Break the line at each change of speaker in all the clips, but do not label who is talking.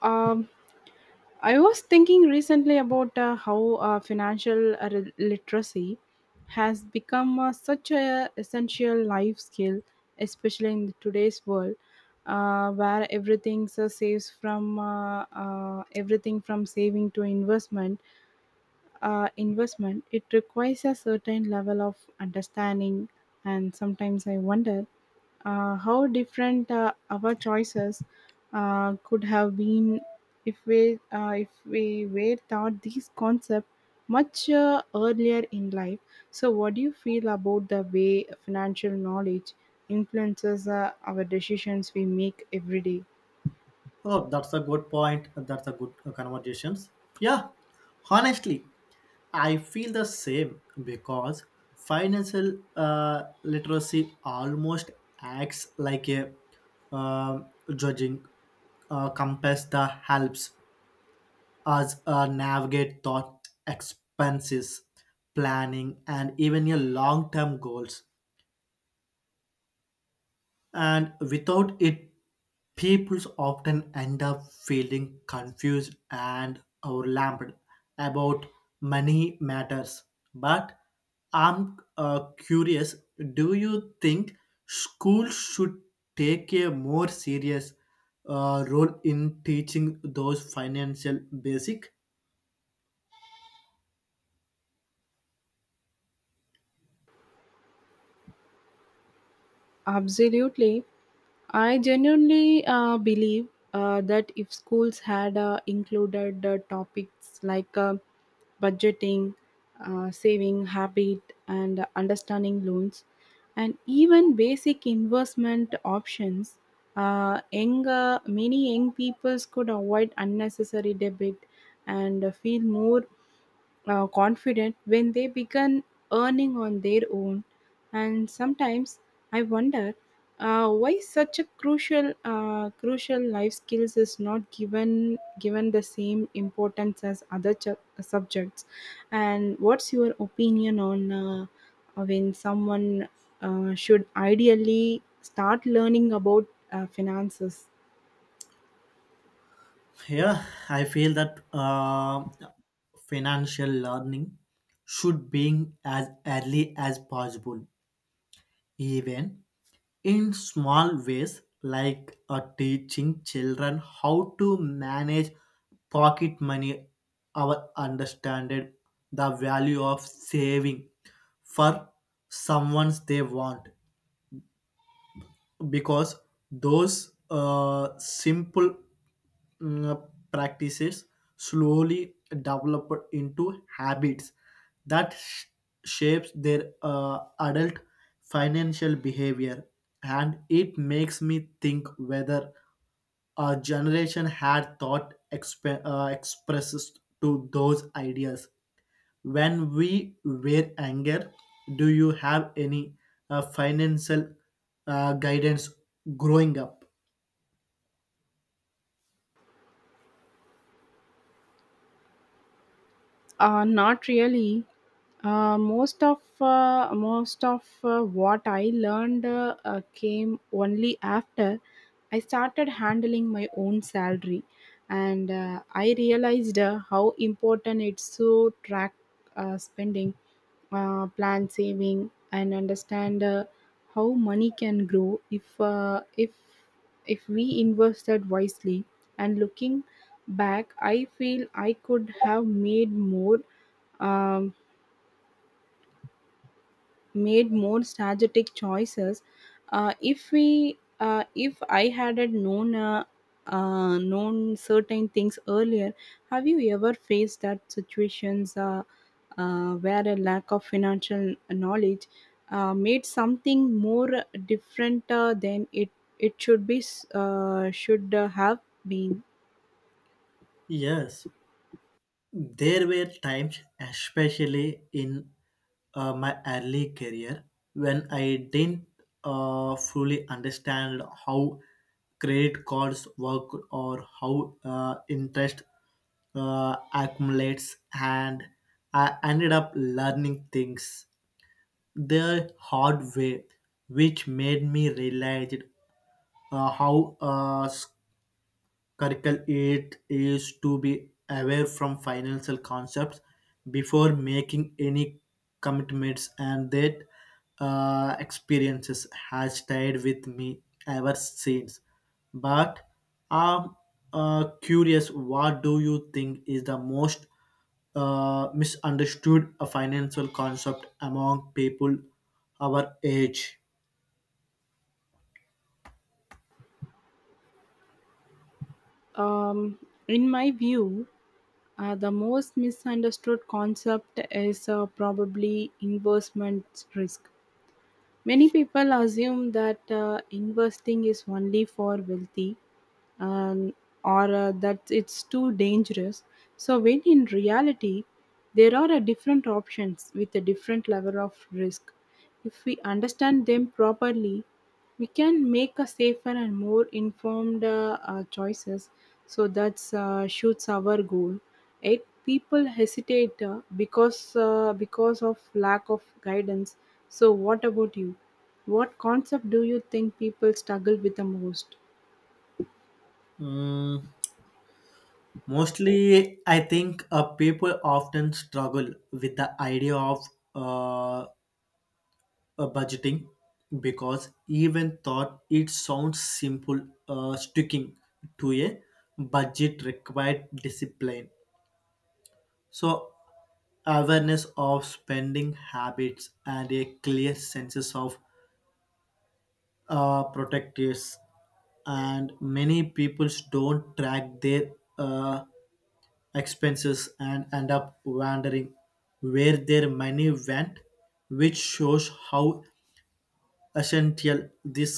Um, I was thinking recently about how financial literacy has become such a essential life skill, especially in today's world, where everything from saving to investment investment, it requires a certain level of understanding. And sometimes I wonder how different our choices could have been if we were taught these concepts much earlier in life. So, what do you feel about the way financial knowledge influences our decisions we make every day?
Oh, that's a good point. That's a good conversations. Yeah, honestly, I feel the same because financial literacy almost acts like a um judging compass that helps us navigate thought expenses, planning, and even your long-term goals. And without it, people often end up feeling confused and overwhelmed about money matters. But I'm curious, do you think schools should take a more serious role in teaching those financial basic?
Absolutely. I genuinely believe that if schools had included topics like budgeting, saving habit, and understanding loans, and even basic investment options, many young peoples could avoid unnecessary debit and feel more confident when they begin earning on their own. And sometimes I wonder why such a crucial crucial life skills is not given the same importance as other subjects. And what's your opinion on when someone should ideally start learning about finances?
Yeah, I feel that financial learning should be as early as possible, even in small ways like teaching children how to manage pocket money or understand the value of saving for someone they want, because those simple mm, practices slowly develop into habits that shapes their adult financial behavior. And it makes me think whether our generation had thought expresses to those ideas when we were younger. Do you have any financial guidance growing up?
Not really. Most of what I learned came only after I started handling my own salary, and I realized how important it's to track spending, plan saving, and understand how money can grow if if we invested wisely. And looking back, I feel I could have um, made more strategic choices. If I had known, known certain things earlier. Have you ever faced that situations where a lack of financial knowledge made something more different than it it should be should have been?
Yes, there were times, especially in my early career, when I didn't fully understand how credit cards work or how interest accumulates, and I ended up learning things the hard way, which made me realize how Circle it is to be aware from financial concepts before making any commitments. And that experiences has stayed with me ever since. But I'm curious, what do you think is the most misunderstood financial concept among people our age?
Um, in my view, the most misunderstood concept is probably investment risk. Many people assume that investing is only for wealthy, um, or that it's too dangerous. So, when in reality, there are different options with a different level of risk. If we understand them properly, we can make a safer and more informed choices. So that's shoots our goal. Eight people hesitate because because of lack of guidance. So what about you? What concept do you think people struggle with the most?
Mm. Mostly, I think people often struggle with the idea of uh, uh, budgeting, because even thought it sounds simple, sticking to a budget required discipline. So, awareness of spending habits and a clear sense of protectives, and many people don't track their uh, expenses and end up wondering where their money went, which shows how essential this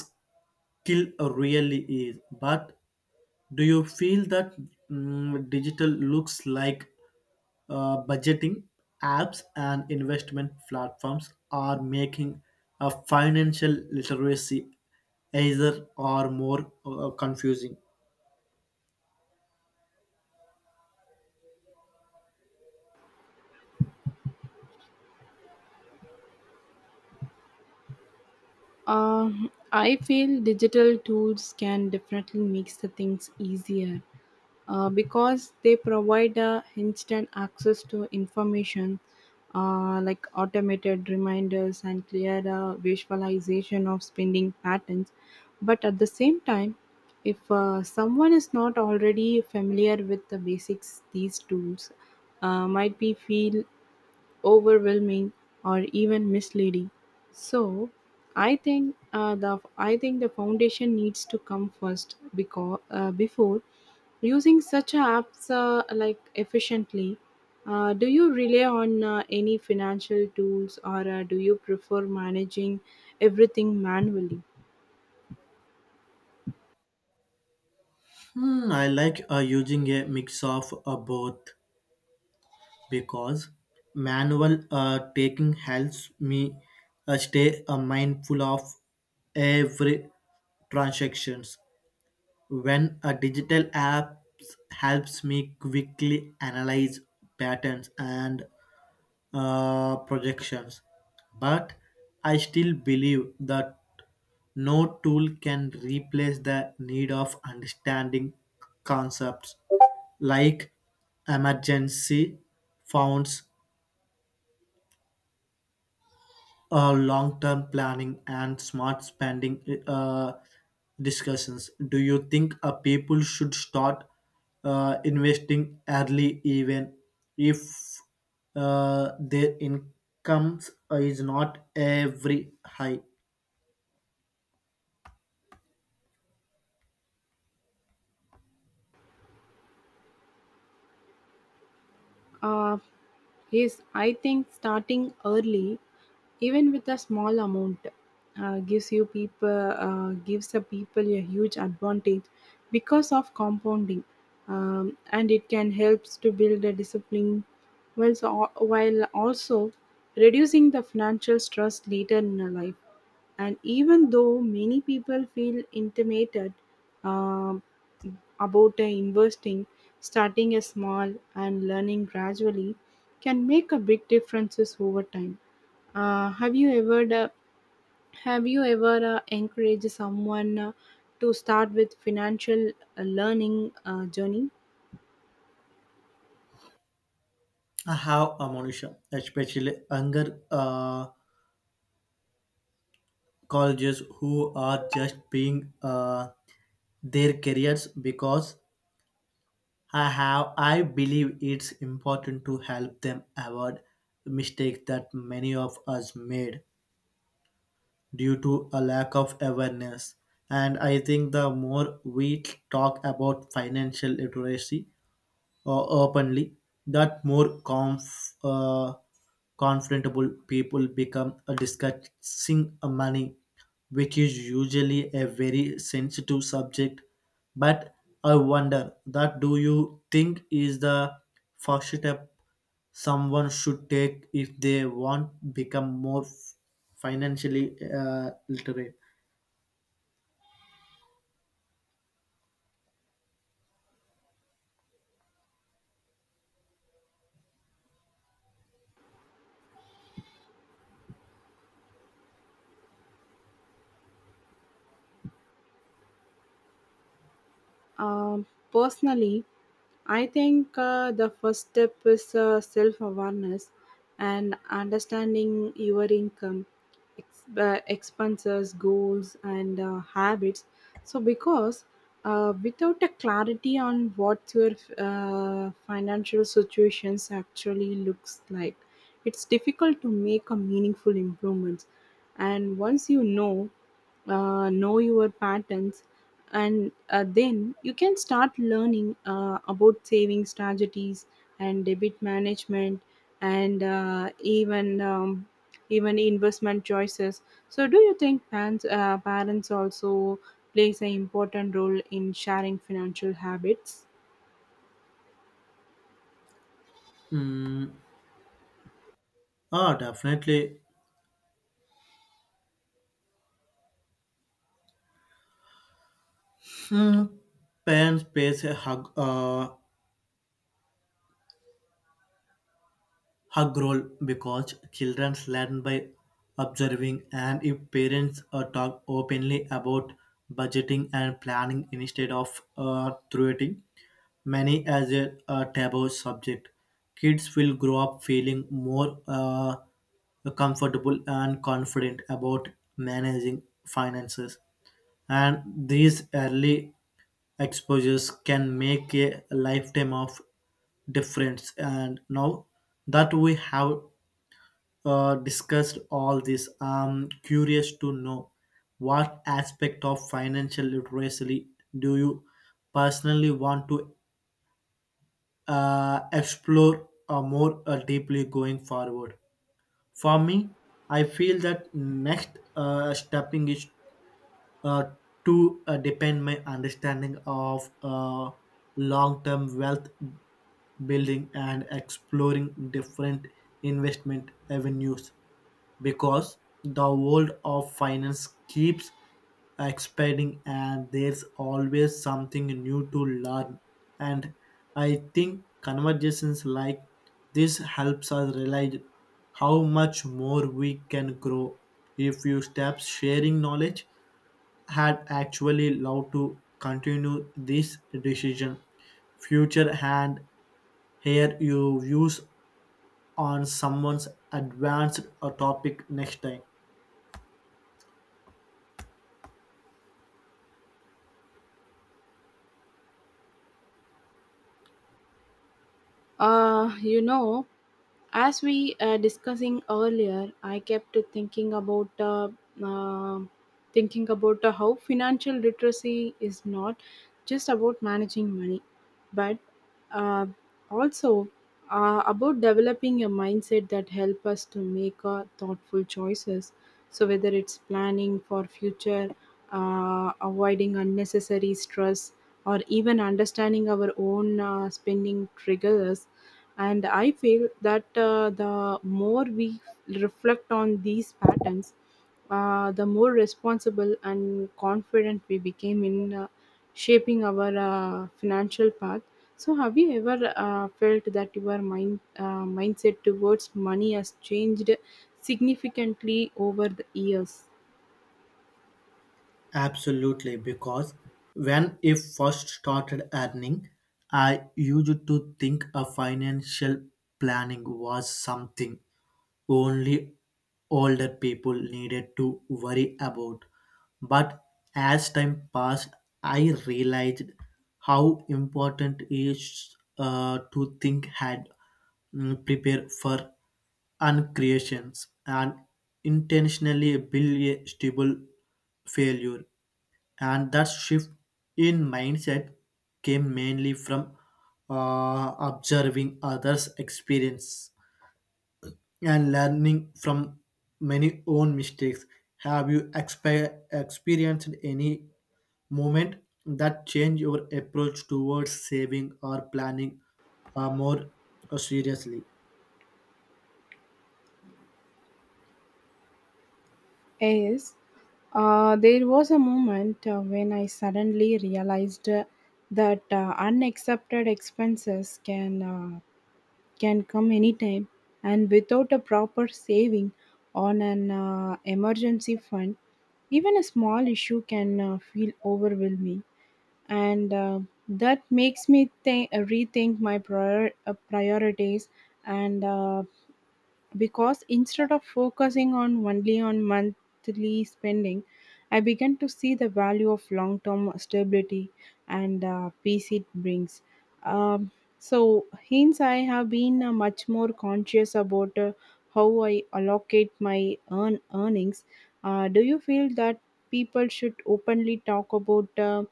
skill really is. But do you feel that digital looks like budgeting apps and investment platforms are making a financial literacy either or more confusing?
I feel digital tools can definitely make the things easier because they provide instant access to information like automated reminders and clear visualization of spending patterns. But at the same time, if someone is not already familiar with the basics, these tools might be feel overwhelming or even misleading. So I think the foundation needs to come first because before using such apps like efficiently. Do you rely on any financial tools or do you prefer managing everything manually?
Hmm, I like using a mix of both, because manual taking helps me stay mindful of every transactions, when a digital app helps me quickly analyze patterns and projections. But I still believe that no tool can replace the need of understanding concepts like emergency funds, long-term planning, and smart spending uh, discussions. Do you think people should start investing early, even if their incomes is not every high?
Uh, is I think starting early, even with a small amount, uh, gives you people gives the people a huge advantage because of compounding, and it can helps to build a discipline, while also reducing the financial stress later in a life. And even though many people feel intimidated, um, about investing, starting a small and learning gradually can make a big differences over time. Uh, have you ever uh, have you ever encouraged someone to start with financial learning journey?
I have a Monisha, especially younger colleges who are just being their careers, because I believe it's important to help them avoid mistakes that many of us made due to a lack of awareness. And I think the more we talk about financial literacy, openly, that more comfortable people become discussing money, which is usually a very sensitive subject. But I wonder that do you think is the first step someone should take if they want become more financially literate?
Um, Personally, I think the first step is self awareness and understanding your income, expenses, goals, and habits. So, because without a clarity on what your financial situations actually looks like, it's difficult to make a meaningful improvements. And once you know your patterns and then you can start learning about saving strategies and debit management and even investment choices. So do you think parents also plays an important role in sharing financial habits?
Mm, ah, definitely. Hmm. Parents pays a hug. Hug role, because children learn by observing, and if parents talk openly about budgeting and planning instead of through it many as a taboo subject. Kids will grow up feeling more comfortable and confident about managing finances, and these early exposures can make a lifetime of difference. And now that we have discussed all this, I'm curious to know what aspect of financial literacy do you personally want to explore more deeply going forward. For me, I feel that next stepping is uh, to depend my understanding of long-term wealth building and exploring different investment avenues, because the world of finance keeps expanding and there's always something new to learn. And I think conversations like this helps us realize how much more we can grow if you stop sharing knowledge, had actually allowed to continue this decision future, and hear your views on someone's advanced topic next time.
You know, as we discussing earlier, I kept thinking about uh, how financial literacy is not just about managing money but uh, also about developing a mindset that help us to make thoughtful choices. So whether it's planning for future, avoiding unnecessary stress or even understanding our own spending triggers. And I feel that the more we reflect on these patterns, the more responsible and confident we became in shaping our financial path. So, have you ever felt that your mindset towards money has changed significantly over the years?
Absolutely, because when I first started earning, I used to think a financial planning was something only older people needed to worry about. But as time passed, I realized how important it is to think ahead, prepare for uncreations, and intentionally build a stable failure. And that shift in mindset came mainly from observing others experience and learning from many own mistakes. Have you experienced any moment that changed your approach towards saving or planning more seriously?
Yes, there was a moment when I suddenly realized that unaccepted expenses can come anytime, and without a proper saving on an emergency fund, even a small issue can feel overwhelming. And that makes me think rethink my priorities. And because instead of focusing on only on monthly spending, I began to see the value of long term stability and peace it brings. um, so hence I have been much more conscious about how I allocate my earnings. Do you feel that people should openly talk about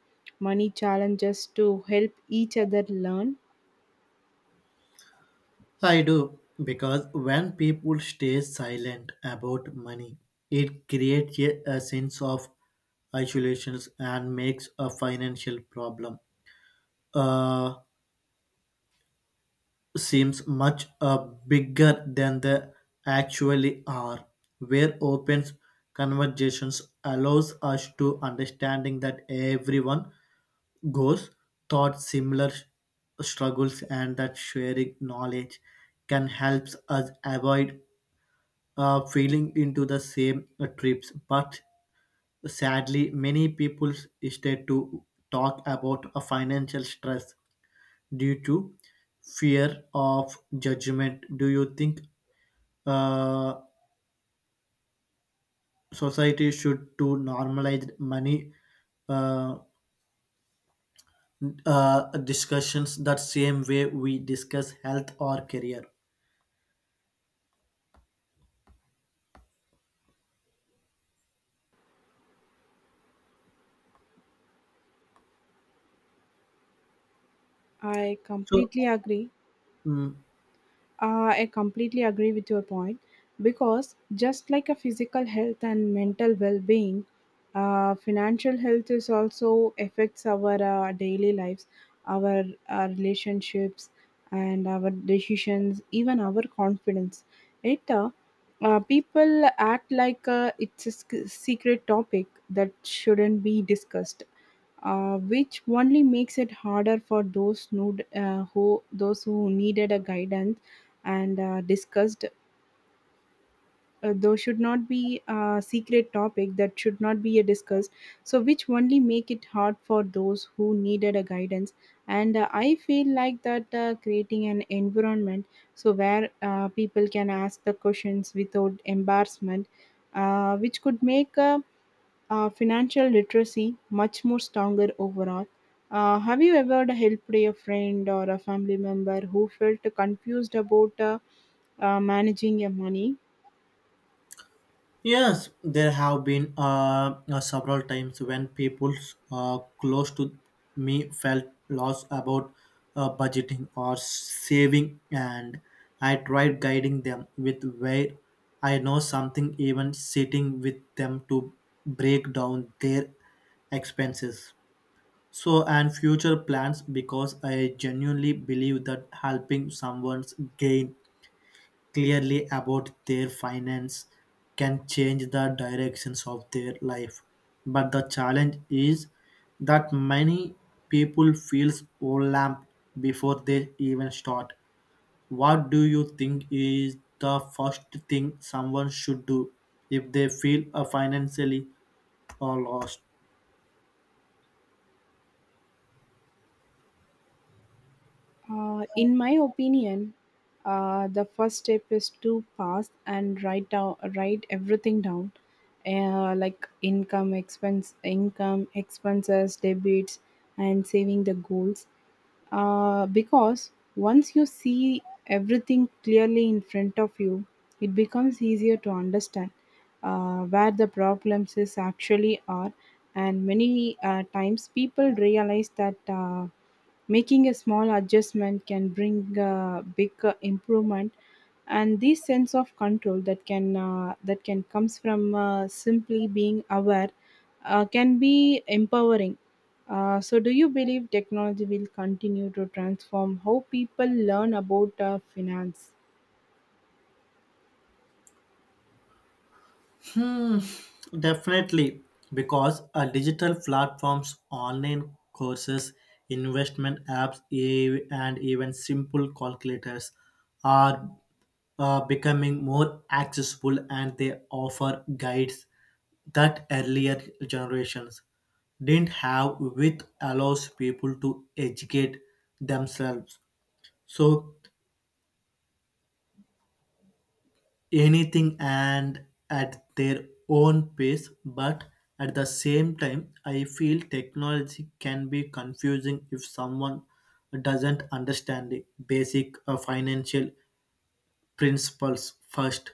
money challenges to help each other learn?
I do, because when people stay silent about money, it creates a sense of isolation and makes a financial problem uh, seems much bigger than they actually are. Where open conversations allows us to understanding that everyone goes thought similar struggles, and that sharing knowledge can help us avoid feeling into the same trips. But sadly, many people instead to talk about a financial stress due to fear of judgment. Do you think uh, society should to normalize money uh, discussions that same way we discuss health or career?
I
So.
completely agree.
Mm,
I completely agree with your point because just like a physical health and mental well-being, financial health is also affects our daily lives, our, our relationships, and our decisions, even our confidence. It People act like it's a secret topic that shouldn't be discussed, which only makes it harder for those who needed a guidance and discussed. Those should not be a secret topic that should not be a discussed. So which only make it hard for those who needed a guidance. And I feel like that creating an environment so where people can ask the questions without embarrassment, which could make a financial literacy much more stronger overall. Have you ever helped a friend or a family member who felt confused about managing your money?
Yes, there have been several times when people close to me felt lost about budgeting or saving, and I tried guiding them with where I know something, even sitting with them to break down their expenses. So, and future plans, because I genuinely believe that helping someone's gain clearly about their finance can change the directions of their life. But the challenge is that many people feels overwhelmed before they even start. What do you think is the first thing someone should do if they feel financially or lost?
In my opinion, the first step is to pass and write everything down, like income, expenses, debits, and saving the goals. Because once you see everything clearly in front of you, it becomes easier to understand where the problems is actually are. And many times people realize that making a small adjustment can bring a big improvement, and this sense of control that can comes from simply being aware can be empowering. So do you believe technology will continue to transform how people learn about finance?
Hmm, definitely, because a digital platforms, online courses, investment apps, and even simple calculators are becoming more accessible, and they offer guides that earlier generations didn't have, which allows people to educate themselves. So anything and at their own pace. But at the same time, I feel technology can be confusing if someone doesn't understand the basic financial principles first.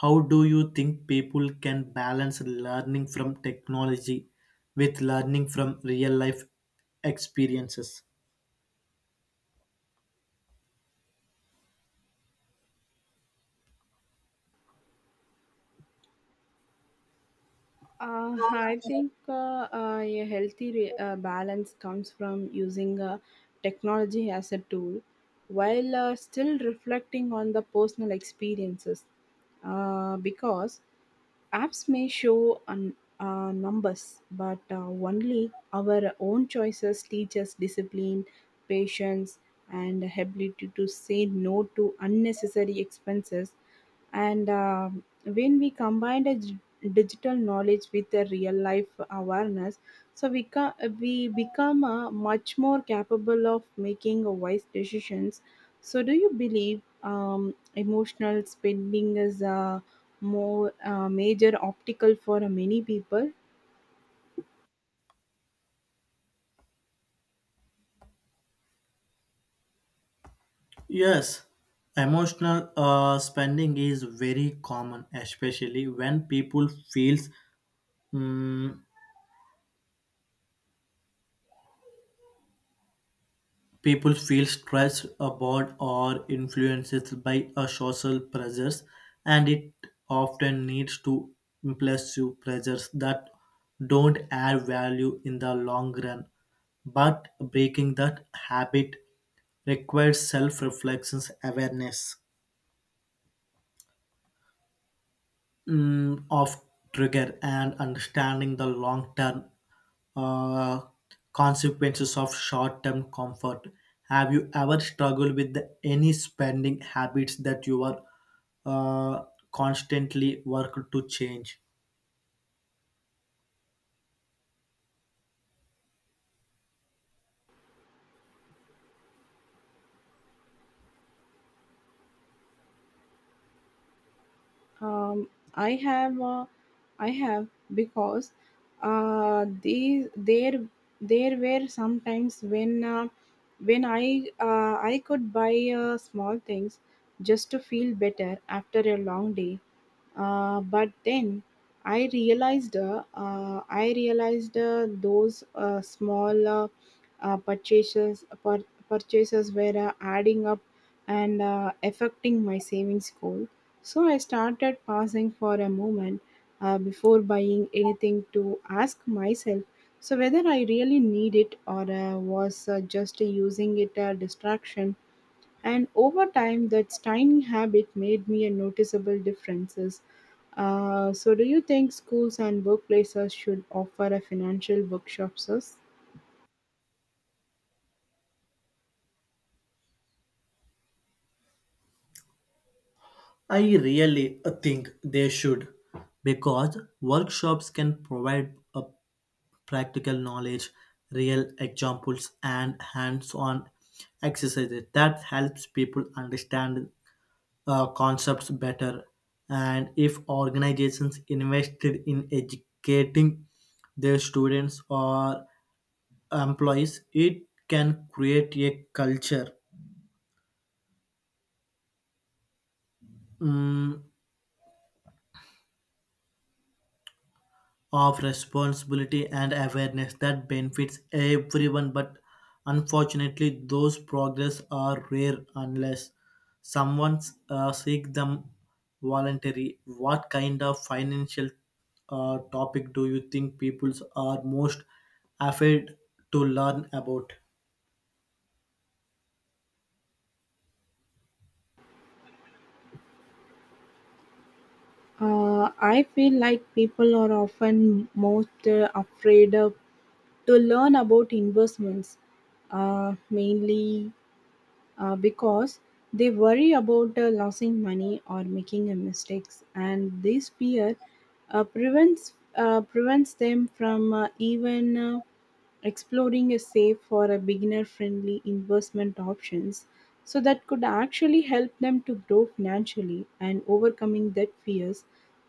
How do you think people can balance learning from technology with learning from real life experiences?
I think a healthy balance comes from using technology as a tool while still reflecting on the personal experiences. Because apps may show numbers, but only our own choices teach us discipline, patience, and ability to say no to unnecessary expenses. And when we combine a digital knowledge with the real life awareness, so we become much more capable of making wise decisions. So, do you believe, emotional spending is a more major optical for many people?
Yes, emotional spending is very common, especially when people feels Mm, people feel stressed, bored, or influenced by social pressures, and it often leads to impulsive pressures that don't add value in the long run. But breaking that habit requires self reflections awareness of trigger and understanding the long term uh, consequences of short term comfort. Have you ever struggled with the- any spending habits that you are uh, constantly worked to change?
Um, I have uh, I have, because these there there were sometimes when I could buy small things just to feel better after a long day. But then I realized those purchases were adding up and affecting my savings goal. So I started pausing for a moment before buying anything to ask myself, so whether I really need it or was just using it a distraction. And over time that tiny habit made me a noticeable differences. So do you think schools and workplaces should offer a financial workshops us?
I really think they should, because workshops can provide a practical knowledge, real examples, and hands on exercises that helps people understand concepts better. And if organizations invested in educating their students or employees, it can create a culture mm, of responsibility and awareness that benefits everyone. But unfortunately those progress are rare unless someone seek them voluntary. What kind of financial topic do you think peoples are most afraid to learn about?
I feel like people are often most to learn about investments, mainly because they worry about losing money or making a mistakes, and this fear prevents them from even Exploring is safe for a beginner friendly investment options so that could actually help them to grow financially. And overcoming that fears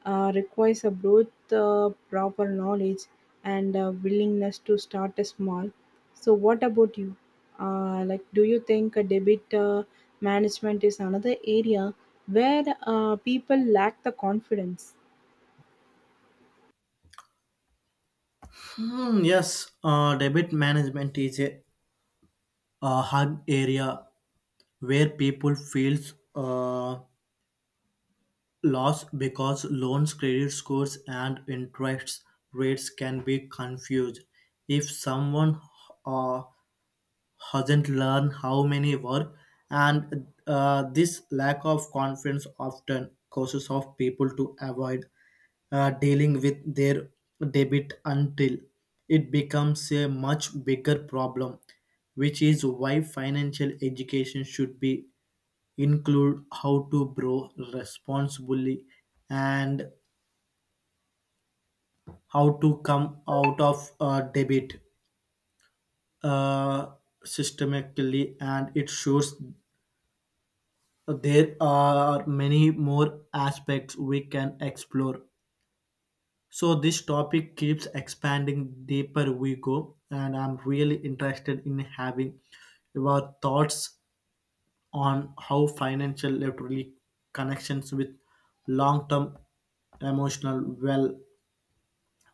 requires a both proper knowledge and a willingness to start a small. So what about you? Like, do you think a debit management is another area where people lack the confidence?
Hmm, yes, debit management is a hard area where people feels loss, because loans credit scores and interest rates can be confused if someone uh, hasn't learned how many were. And this lack of confidence often causes of people to avoid dealing with their debit until it becomes a much bigger problem, which is why financial education should be include how to borrow responsibly and how to come out of debit uh, systematically. And it shows there are many more aspects we can explore. So this topic keeps expanding deeper we go, and I'm really interested in having your thoughts on how financial literally connections with long-term emotional well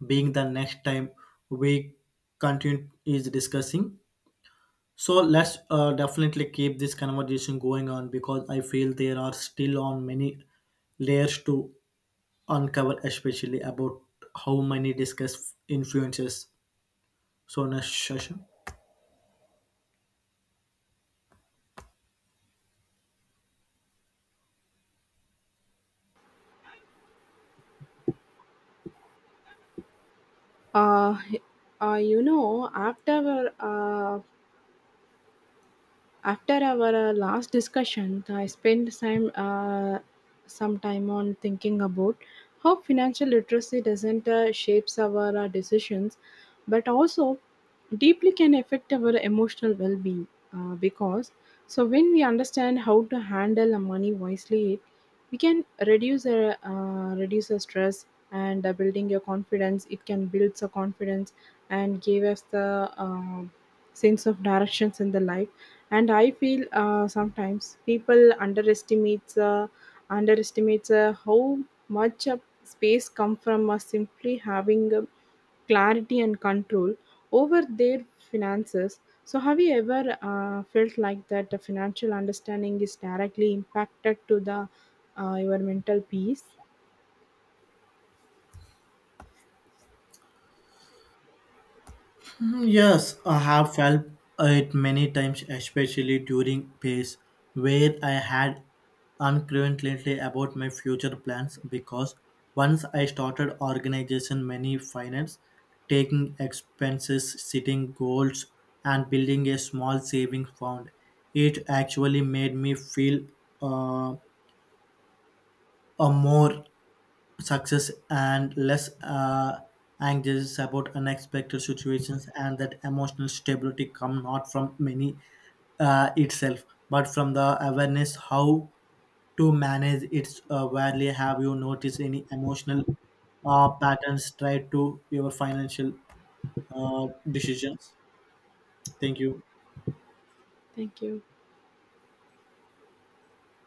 being the next time we continue is discussing. So let's definitely keep this conversation going on, because I feel there are still on many layers to uncover, especially about how many discuss influences, so next session.
uh, you know, After our last discussion, I spent some time on thinking about how financial literacy doesn't shapes our decisions, but also deeply can affect our emotional well-being. Because so when we understand how to handle our money wisely, we can reduce the stress and building your confidence. It can build the confidence and give us the uh, sense of directions in the life. And I feel sometimes people underestimates uh, underestimates how much space come from simply having clarity and control over their finances. So have you ever felt like that the financial understanding is directly impacted to the your mental peace?
Mm, Yes, I have felt it many times, especially during phase where I had uncertainty about my future plans, because once I started organization many finance, taking expenses, setting goals and building a small saving fund, it actually made me feel uh, a more success and less anxious about unexpected situations. And that emotional stability come not from money itself, but from the awareness how to manage its value. Have you noticed any emotional patterns tied to your financial decisions? Thank you.
Thank you.